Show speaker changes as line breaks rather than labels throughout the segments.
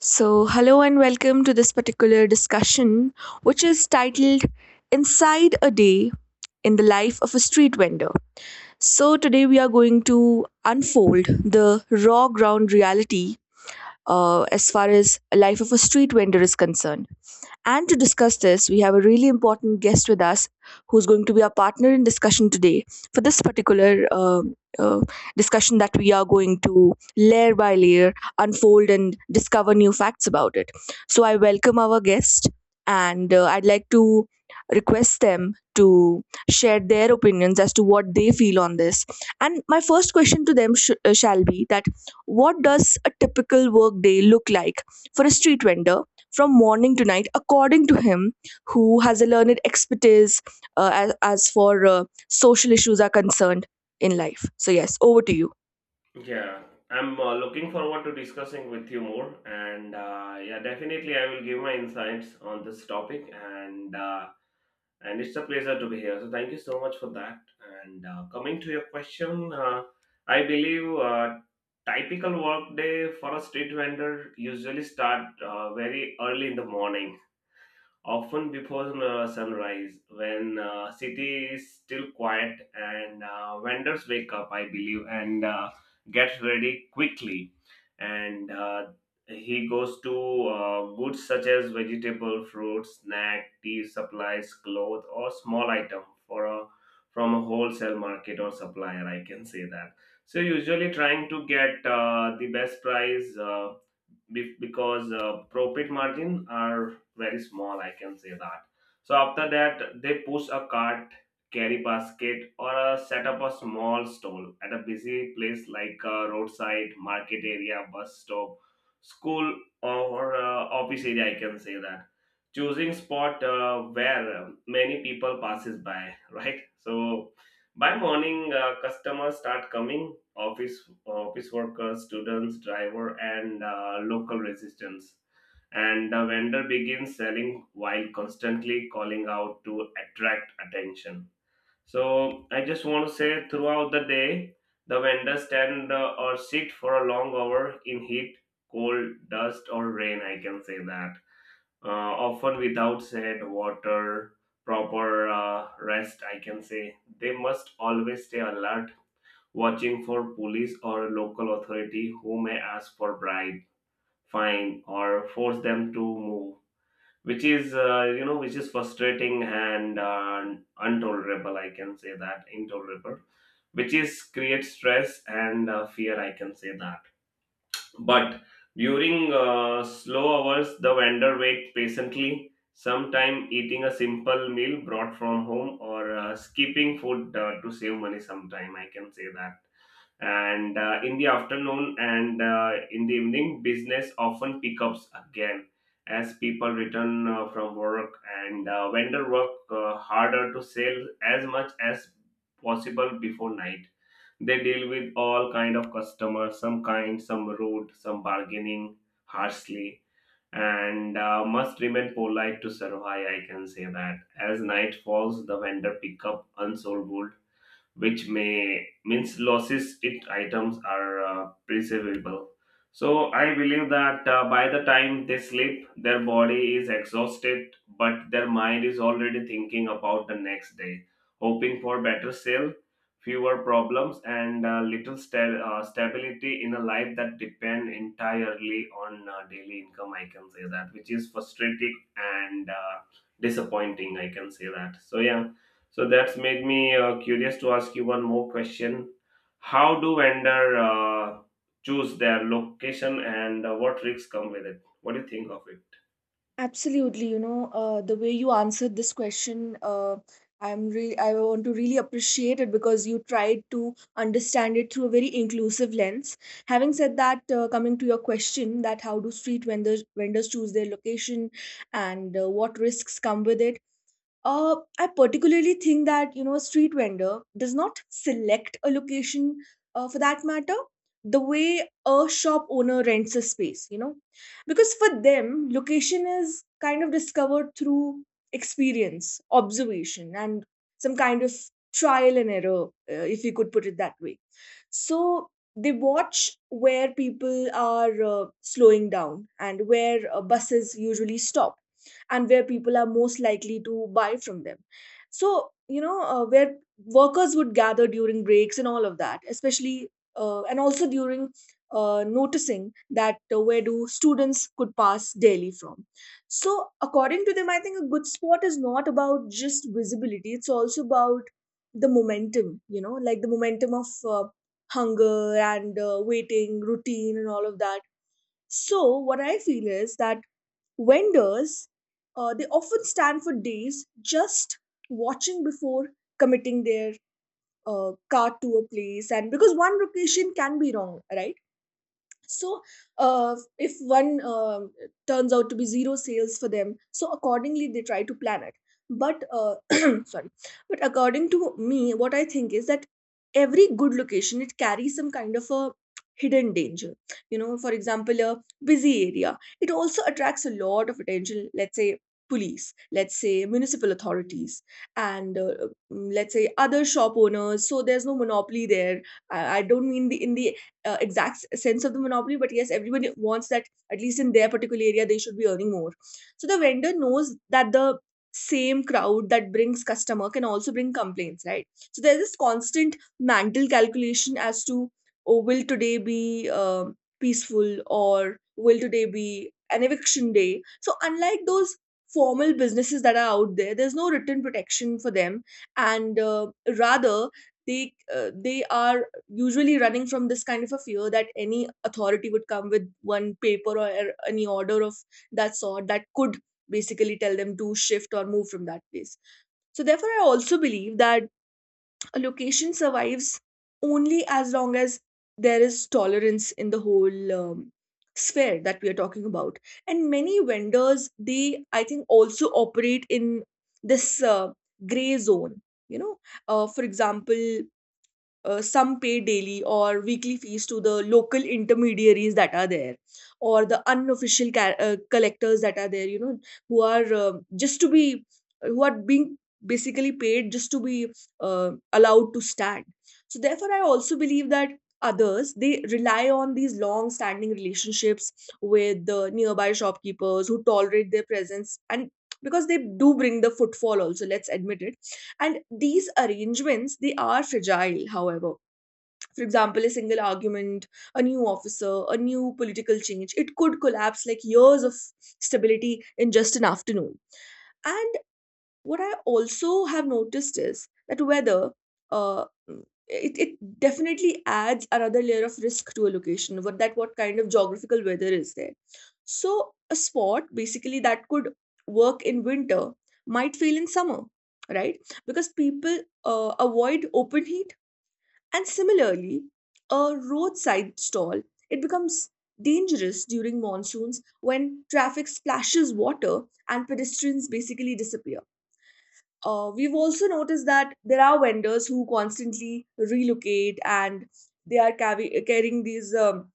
So, hello and welcome to this particular discussion, which is titled Inside a Day in the Life of a Street Vendor. So, today we are going to unfold the raw ground reality as far as life of a street vendor is concerned. And to discuss this, we have a really important guest with us who's going to be our partner in discussion today for this particular uh, discussion that we are going to layer by layer unfold and discover new facts about it. So, I welcome our guest and I'd like to request them to share their opinions as to what they feel on this. And my first question to them shall be that what does a typical work day look like for a street vendor, from morning to night, according to him, who has a learned expertise as for social issues are concerned in life. So yes, over to you.
Yeah, I'm looking forward to discussing with you more, and definitely I will give my insights on this topic, and it's a pleasure to be here. So thank you so much for that. And Coming to your question, I believe typical work day for a street vendor usually start very early in the morning, often before sunrise, when city is still quiet, and vendors wake up, I believe, and get ready quickly, and he goes to goods such as vegetable, fruits, snack, tea supplies, clothes, or small item for a from a wholesale market or supplier, I can say that. So usually trying to get the best price, because profit margin are very small, I can say that. So after that, they push a cart, carry basket, or set up a small stall at a busy place like a roadside, market area, bus stop, school, or office area, I can say that, choosing spot where many people passes by. Right. So by morning, customers start coming, office workers, students, driver, and local resistance. And the vendor begins selling while constantly calling out to attract attention. So I just want to say, throughout the day, the vendor stand or sit for a long hour in heat, cold, dust, or rain, I can say that, often without said water, proper rest, I can say. They must always stay alert, watching for police or local authority who may ask for bribe, fine, or force them to move, which is which is frustrating and intolerable. I can say that, intolerable, which is create stress and fear. I can say that. But during slow hours, the vendor waits patiently, sometime eating a simple meal brought from home or skipping food to save money sometime, I can say that. And in the afternoon and in the evening, business often pickups again as people return from work, and vendor work harder to sell as much as possible before night. They deal with all kind of customers, some kind, some rude, some bargaining harshly, and must remain polite to survive, I can say that. As night falls, the vendor pick up unsold wood, which may means losses it items are preservable. So I believe that, by the time they sleep, their body is exhausted, but their mind is already thinking about the next day, hoping for better sale, fewer problems, and little stability in a life that depend entirely on daily income. I can say that, which is frustrating and disappointing. I can say that. So yeah, so that's made me curious to ask you one more question. How do vendor choose their location and what risks come with it? What do you think of it?
Absolutely, you know, the way you answered this question, I want to really appreciate it because you tried to understand it through a very inclusive lens. Having said that, coming to your question, that how do street vendors choose their location and what risks come with it. I particularly think that, you know, a street vendor does not select a location for that matter the way a shop owner rents a space, you know, because for them location is kind of discovered through experience, observation, and some kind of trial and error, if you could put it that way. So they watch where people are slowing down and where buses usually stop and where people are most likely to buy from them. So, you know, where workers would gather during breaks and all of that, especially, and also during noticing that where do students could pass daily from. So, according to them, I think a good spot is not about just visibility, it's also about the momentum, you know, like the momentum of hunger and waiting, routine, and all of that. So, what I feel is that vendors, they often stand for days just watching before committing their cart to a place, and because one location can be wrong, right? So if one turns out to be zero sales for them, so accordingly they try to plan it. But sorry, but according to me, what I think is that every good location, it carries some kind of a hidden danger, you know. For example, a busy area, it also attracts a lot of attention. Let's say police, let's say municipal authorities, and let's say other shop owners, so there's no monopoly there. I don't mean the in the exact sense of the monopoly, but yes, everyone wants that at least in their particular area they should be earning more. So the vendor knows that the same crowd that brings customer can also bring complaints, right? So there's this constant mental calculation as to, oh, will today be peaceful or will today be an eviction day. So unlike those formal businesses that are out there, there's no written protection for them, and rather, they are usually running from this kind of a fear that any authority would come with one paper or any order of that sort that could basically tell them to shift or move from that place. So, therefore, I also believe that a location survives only as long as there is tolerance in the whole sphere that we are talking about. And many vendors, they, I think, also operate in this gray zone. You know, for example, some pay daily or weekly fees to the local intermediaries that are there or the unofficial collectors that are there, you know, who are just to be who are being basically paid just to be allowed to stand. So therefore I also believe that others, they rely on these long standing relationships with the nearby shopkeepers who tolerate their presence, and because they do bring the footfall, also, let's admit it. And these arrangements, they are fragile, however. For example, a single argument, a new officer, a new political change, it could collapse like years of stability in just an afternoon. And what I also have noticed is that weather, it definitely adds another layer of risk to a location, what that what kind of geographical weather is there. So a spot basically that could work in winter might fail in summer, right? Because people avoid open heat. And similarly, a roadside stall, it becomes dangerous during monsoons when traffic splashes water and pedestrians basically disappear. We've also noticed that there are vendors who constantly relocate and they are carrying these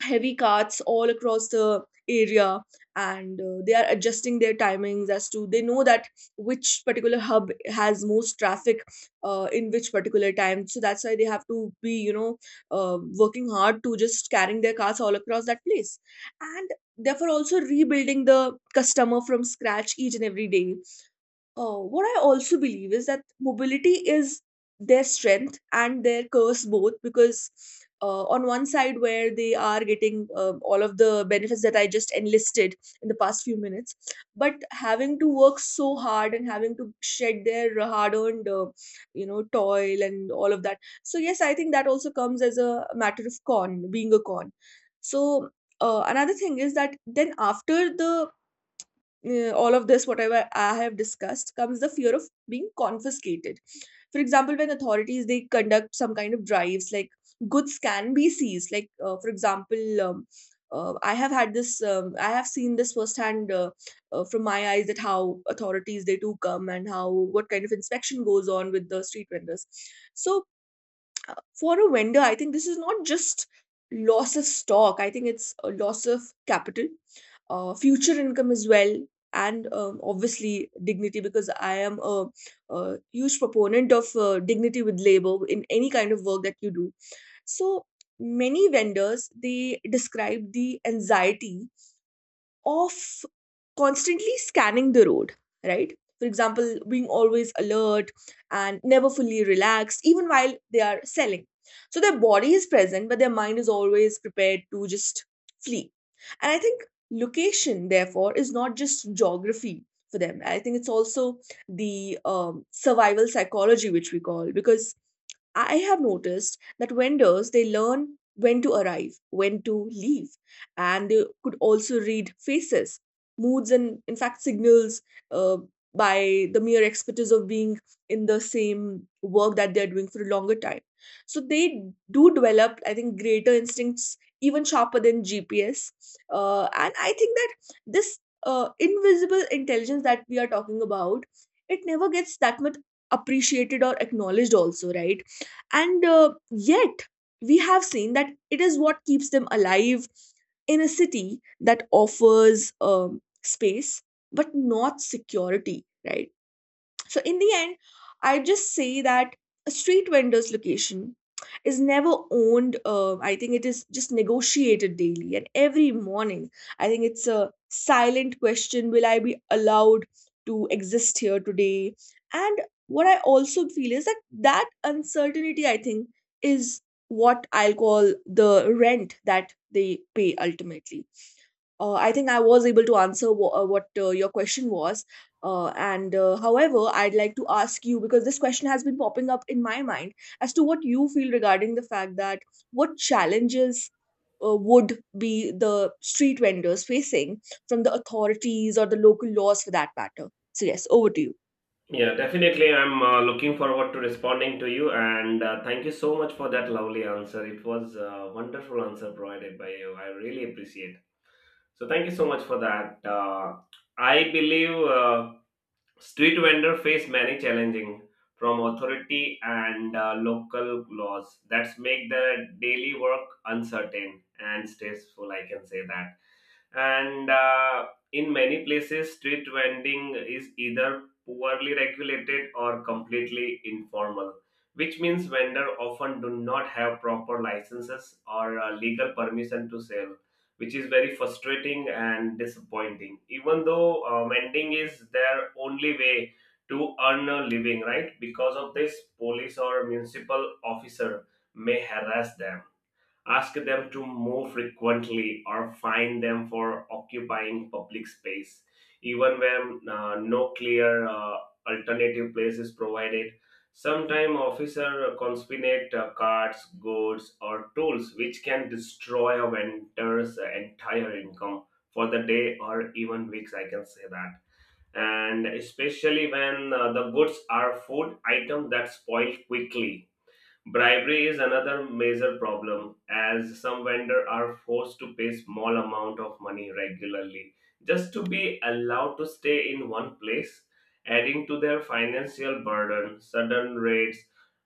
heavy carts all across the area, and they are adjusting their timings as to they know that which particular hub has most traffic in which particular time. So that's why they have to be, you know, working hard to just carrying their carts all across that place, and therefore also rebuilding the customer from scratch each and every day. What I also believe is that mobility is their strength and their curse, both, because on one side where they are getting all of the benefits that I just enlisted in the past few minutes, but having to work so hard and having to shed their hard-earned you know toil and all of that. So yes, I think that also comes as a matter of being a con. So another thing is that then after the all of this, whatever I have discussed, comes the fear of being confiscated. For example, when authorities they conduct some kind of drives, like goods can be seized. Like for example, I have had this, I have seen this firsthand from my eyes that how authorities they do come and how what kind of inspection goes on with the street vendors. So for a vendor, I think this is not just loss of stock. I think it's a loss of capital, future income as well, and obviously dignity. Because I am a huge proponent of dignity with labor in any kind of work that you do. So many vendors they describe the anxiety of constantly scanning the road, right? For example, being always alert and never fully relaxed, even while they are selling. So their body is present, but their mind is always prepared to just flee. And I think location, therefore, is not just geography for them. I think it's also the survival psychology, which we call, because I have noticed that vendors they learn when to arrive, when to leave, and they could also read faces, moods, and in fact, signals, uh, by the mere expertise of being in the same work that they're doing for a longer time. So they do develop, I think, greater instincts, even sharper than GPS. And I think that this invisible intelligence that we are talking about, it never gets that much appreciated or acknowledged, also, right? And yet, we have seen that it is what keeps them alive in a city that offers space but not security, right? So, in the end, I just say that a street vendor's location is never owned. I think it is just negotiated daily and every morning. I think it's a silent question: will I be allowed to exist here today? And what I also feel is that that uncertainty, I think, is what I'll call the rent that they pay ultimately. I think I was able to answer what your question was. And however, I'd like to ask you, because this question has been popping up in my mind, as to what you feel regarding the fact that what challenges would be the street vendors facing from the authorities or the local laws for that matter. So, yes, over to you.
Yeah, definitely. I'm looking forward to responding to you, and thank you so much for that lovely answer. It was a wonderful answer provided by you. I really appreciate. So thank you so much for that. I believe. Street vendors face many challenges from authority and local laws that make the daily work uncertain and stressful, I can say that. And In many places, street vending is either poorly regulated or completely informal, which means vendor often do not have proper licenses or legal permission to sell, which is very frustrating and disappointing, even though vending is their only way to earn a living, right? Because of this, police or municipal officer may harass them, ask them to move frequently, or fine them for occupying public space even when no clear alternative place is provided. Sometimes officer confiscate cards, goods, or tools, which can destroy a vendor's entire income for the day or even weeks, I can say that, and especially when the goods are food items that spoil quickly. Bribery is another major problem, as some vendors are forced to pay small amount of money regularly just to be allowed to stay in one place, adding to their financial burden. Sudden rates,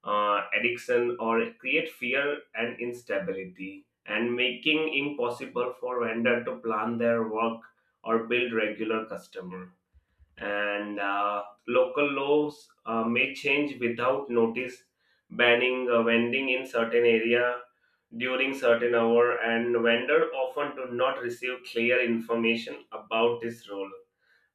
addiction or create fear and instability, and making impossible for vendor to plan their work or build regular customer. And local laws may change without notice, banning vending in certain area during certain hour, and vendor often do not receive clear information about this role.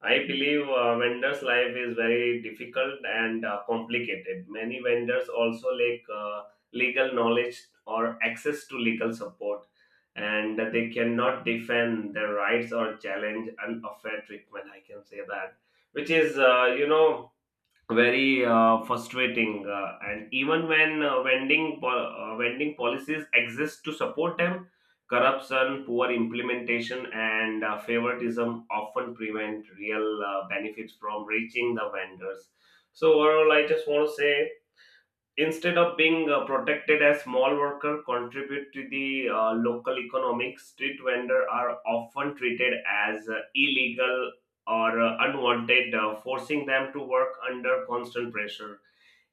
I believe vendors' life is very difficult and complicated. Many vendors also lack legal knowledge or access to legal support, and they cannot defend their rights or challenge unfair treatment, I can say that, which is very frustrating, and even when vending policies exist to support them, corruption, poor implementation, and favoritism often prevent real benefits from reaching the vendors. So overall, I just want to say, instead of being protected as small worker contribute to the local economic, street vendor are often treated as illegal or unwanted, forcing them to work under constant pressure,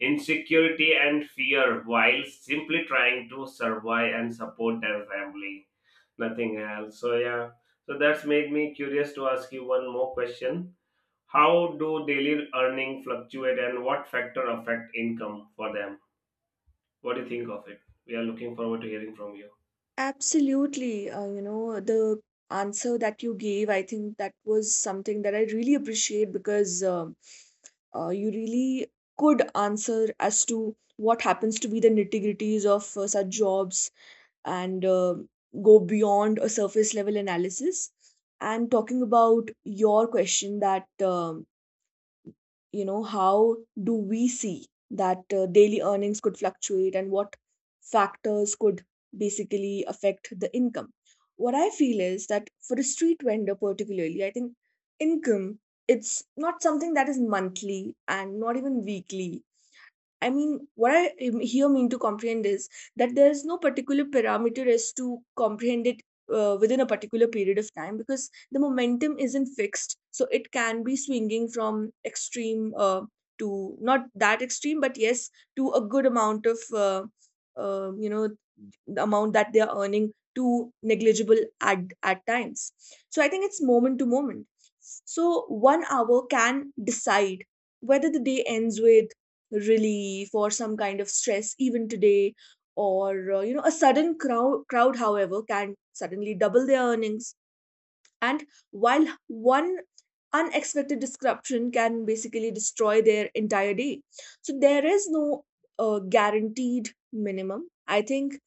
insecurity, and fear while simply trying to survive and support their family. Nothing else. So yeah, so that's made me curious to ask you one more question. How do daily earning fluctuate and what factor affect income for them? What do you think of it? We are looking forward to hearing from you.
Absolutely. You know, the answer that you gave, I think that was something that I really appreciate, because you really could answer as to what happens to be the nitty-gritties of such jobs, and go beyond a surface level analysis. And talking about your question that how do we see that daily earnings could fluctuate and what factors could basically affect the income. What I feel is that for a street vendor particularly, I think income, it's not something that is monthly and not even weekly. I mean, what I here mean to comprehend is that there is no particular parameter as to comprehend it within a particular period of time because the momentum isn't fixed. So it can be swinging from extreme to not that extreme, but yes, to a good amount of, uh, you know, the amount that they are earning, to negligible at times. So I think it's moment to moment. So one hour can decide whether the day ends with relief or some kind of stress even today, or a sudden crowd however can suddenly double their earnings. And while one unexpected disruption can basically destroy their entire day, so there is no guaranteed minimum. I think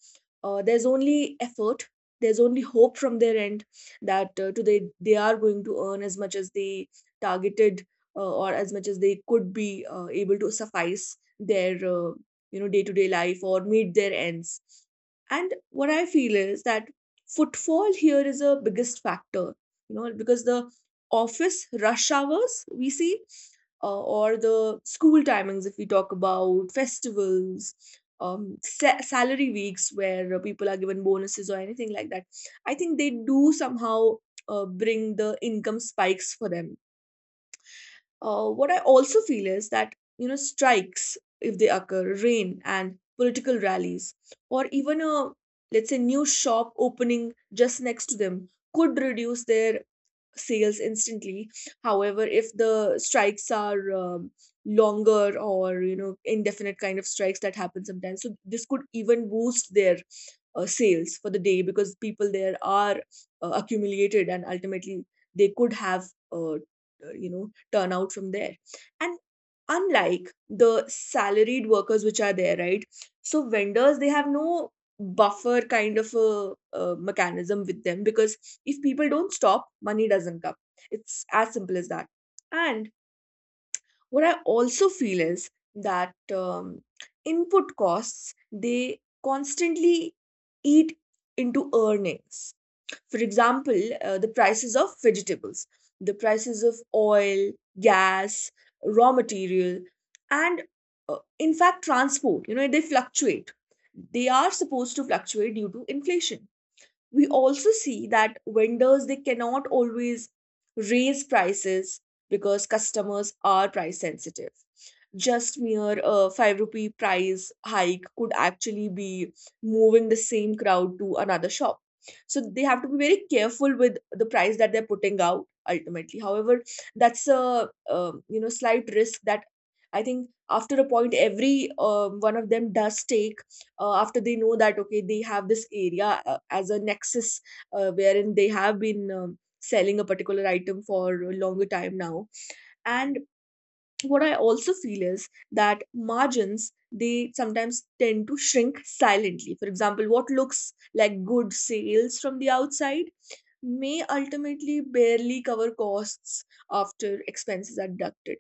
there's only effort, there's only hope from their end that today they are going to earn as much as they targeted, or as much as they could be able to suffice their, day to day life or meet their ends. And what I feel is that footfall here is a biggest factor, you know, because the office rush hours we see, or the school timings, if we talk about festivals, salary weeks where people are given bonuses or anything like that, I think they do somehow bring the income spikes for them. What I also feel is that, you know, strikes if they occur, rain, and political rallies, or even a, let's say, new shop opening just next to them could reduce their sales instantly. However, if the strikes are longer or, you know, indefinite kind of strikes that happen sometimes, so this could even boost their sales for the day, because people there are accumulated and ultimately they could have uh, uh, turnout from there. And unlike the salaried workers which are there, right? So vendors, they have no buffer kind of a, mechanism with them, because if people don't stop, money doesn't come. It's as simple as that. And what I also feel is that input costs, they constantly eat into earnings. For example, the prices of vegetables, the prices of oil, gas, raw material, and in fact, transport, you know, they fluctuate. They are supposed to fluctuate due to inflation. We also see that vendors, they cannot always raise prices because customers are price sensitive. Just mere 5 rupee price hike could actually be moving the same crowd to another shop. So they have to be very careful with the price that they're putting out ultimately. However, that's a, you know, slight risk that I think after a point every one of them does take, after they know that okay, they have this area as a nexus, wherein they have been selling a particular item for a longer time now. And what I also feel is that margins, they sometimes tend to shrink silently. For example, what looks like good sales from the outside may ultimately barely cover costs after expenses are deducted.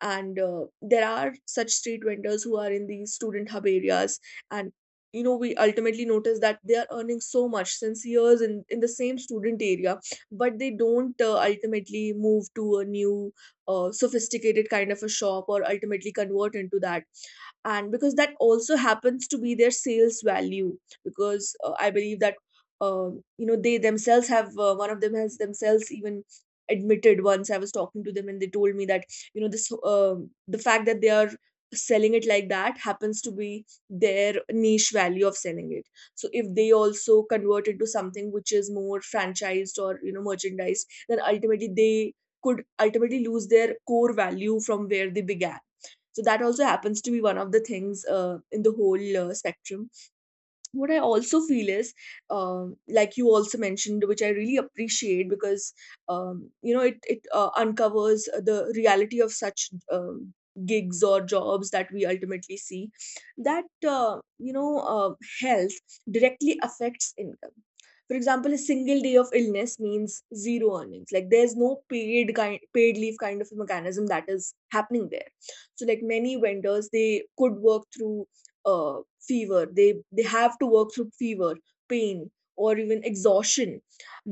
And there are such street vendors who are in these student hub areas, and you know, we ultimately notice that they are earning so much since years in the same student area, but they don't ultimately move to a new sophisticated kind of a shop or ultimately convert into that. And because that also happens to be their sales value, because I believe that, you know, they themselves have, one of them has themselves even admitted, once I was talking to them and they told me that, you know, this, the fact that they are selling it like that happens to be their niche value of selling it. So if they also convert it to something which is more franchised or, you know, merchandised, then ultimately they could ultimately lose their core value from where they began. So that also happens to be one of the things, in the whole spectrum. What I also feel is, like you also mentioned, which I really appreciate, because it uncovers the reality of such gigs or jobs that we ultimately see. That health directly affects income. For example, a single day of illness means zero earnings. Like, there's no paid kind paid leave kind of a mechanism that is happening there. So, like, many vendors they could work through fever, they have to work through fever, pain, or even exhaustion,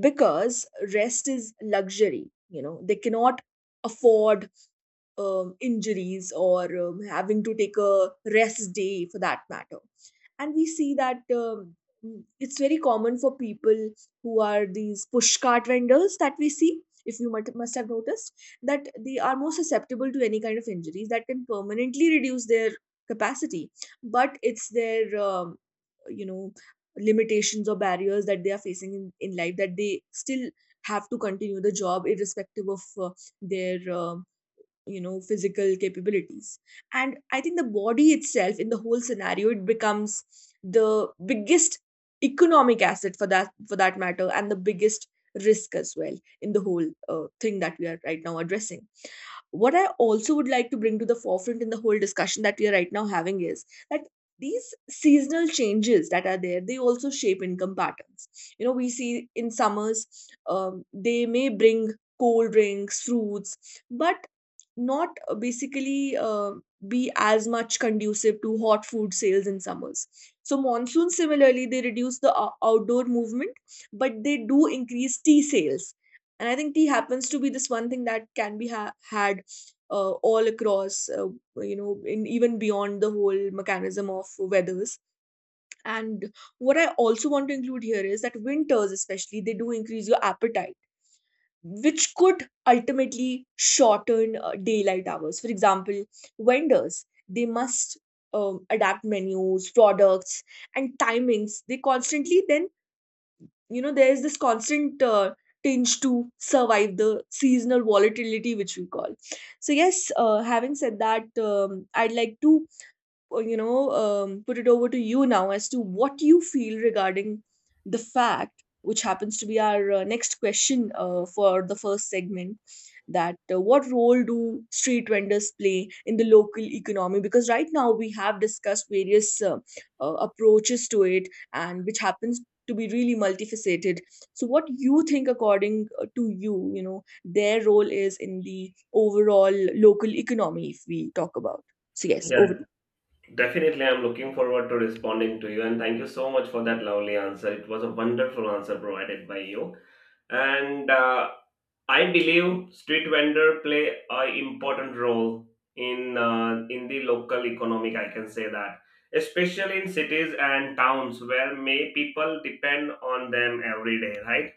because rest is luxury. You know, they cannot afford injuries or having to take a rest day for that matter. And we see that, it's very common for people who are these push cart vendors that we see, if you must have noticed, that they are more susceptible to any kind of injuries that can permanently reduce their capacity. But it's their, you know, limitations or barriers that they are facing in life, that they still have to continue the job irrespective of their physical capabilities. And I think the body itself in the whole scenario, it becomes the biggest economic asset for that matter, and the biggest risk as well in the whole thing that we are right now addressing. What I also would like to bring to the forefront in the whole discussion that we are right now having is that these seasonal changes that are there, they also shape income patterns. You know, we see in summers they may bring cold drinks, fruits, but not basically be as much conducive to hot food sales in summers. So monsoons similarly, they reduce the outdoor movement, but they do increase tea sales. And I think tea happens to be this one thing that can be had all across, in even beyond the whole mechanism of weathers. And what I also want to include here is that winters, especially, they do increase your appetite, which could ultimately shorten daylight hours. For example, vendors they must adapt menus, products, and timings. They constantly then, you know, there is this constant tinge to survive the seasonal volatility, which we call. So yes, having said that, I'd like to put it over to you now as to what you feel regarding the fact, which happens to be our next question for the first segment, that what role do street vendors play in the local economy, because right now we have discussed various approaches to it, and which happens to be really multifaceted. So what you think according to you, you know, their role is in the overall local economy, if we talk about. So yes, over to
Yeah,
you.
definitely. I'm looking forward to responding to you, and thank you so much for that lovely answer. It was a wonderful answer provided by you, and I believe street vendor play a important role in the local economic, I can say that, especially in cities and towns where may people depend on them every day, right?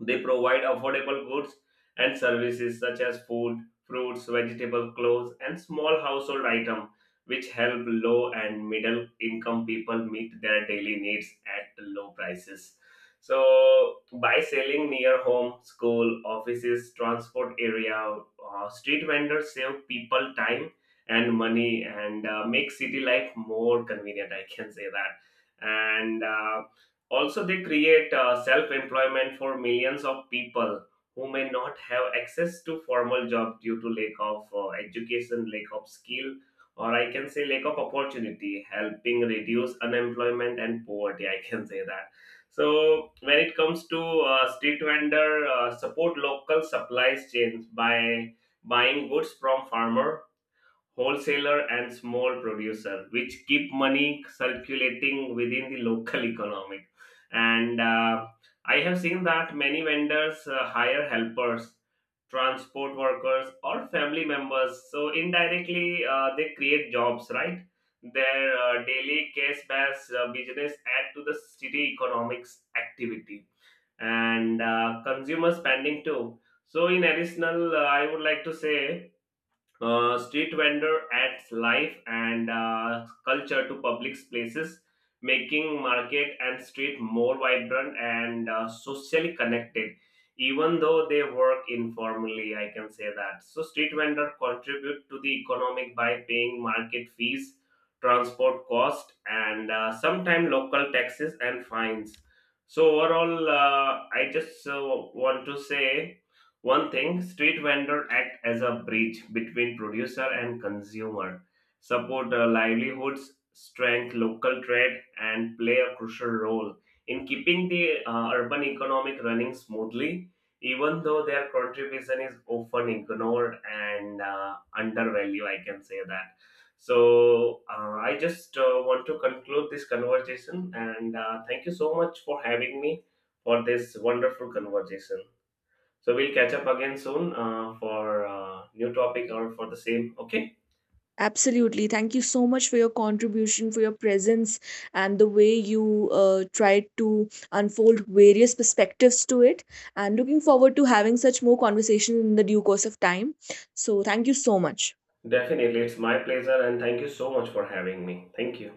They provide affordable goods and services such as food, fruits, vegetable, clothes, and small household items, which help low and middle income people meet their daily needs at low prices. So by selling near home, school, offices, transport area, street vendors save people time and money, and make city life more convenient, I can say that. And Also, they create self employment for millions of people who may not have access to formal job due to lack of education, lack of skill, or I can say lack of opportunity, helping reduce unemployment and poverty, I can say that. So when it comes to street vendor, support local supplies chains by buying goods from farmer, wholesaler, and small producer, which keep money circulating within the local economy. And I have seen that many vendors hire helpers, transport workers, or family members. So indirectly, they create jobs, right? Their daily cash-based business add to the city economics activity and consumer spending too. So in additional, I would like to say street vendor adds life and culture to public places, making market and street more vibrant and socially connected. Even though they work informally, I can say that. So street vendor contribute to the economic by paying market fees, transport cost, and sometimes local taxes and fines. So overall, I just want to say one thing, street vendor act as a bridge between producer and consumer, support livelihoods, strength local trade, and play a crucial role in keeping the urban economic running smoothly, even though their contribution is often ignored and undervalued, I can say that. So I just want to conclude this conversation and thank you so much for having me for this wonderful conversation. So we'll catch up again soon for new topic or for the same. Okay,
Absolutely. Thank you so much for your contribution, for your presence, and the way you tried to unfold various perspectives to it. And looking forward to having such more conversation in the due course of time. So, thank you so much.
definitely, it's my pleasure, and thank you so much for having me. Thank you.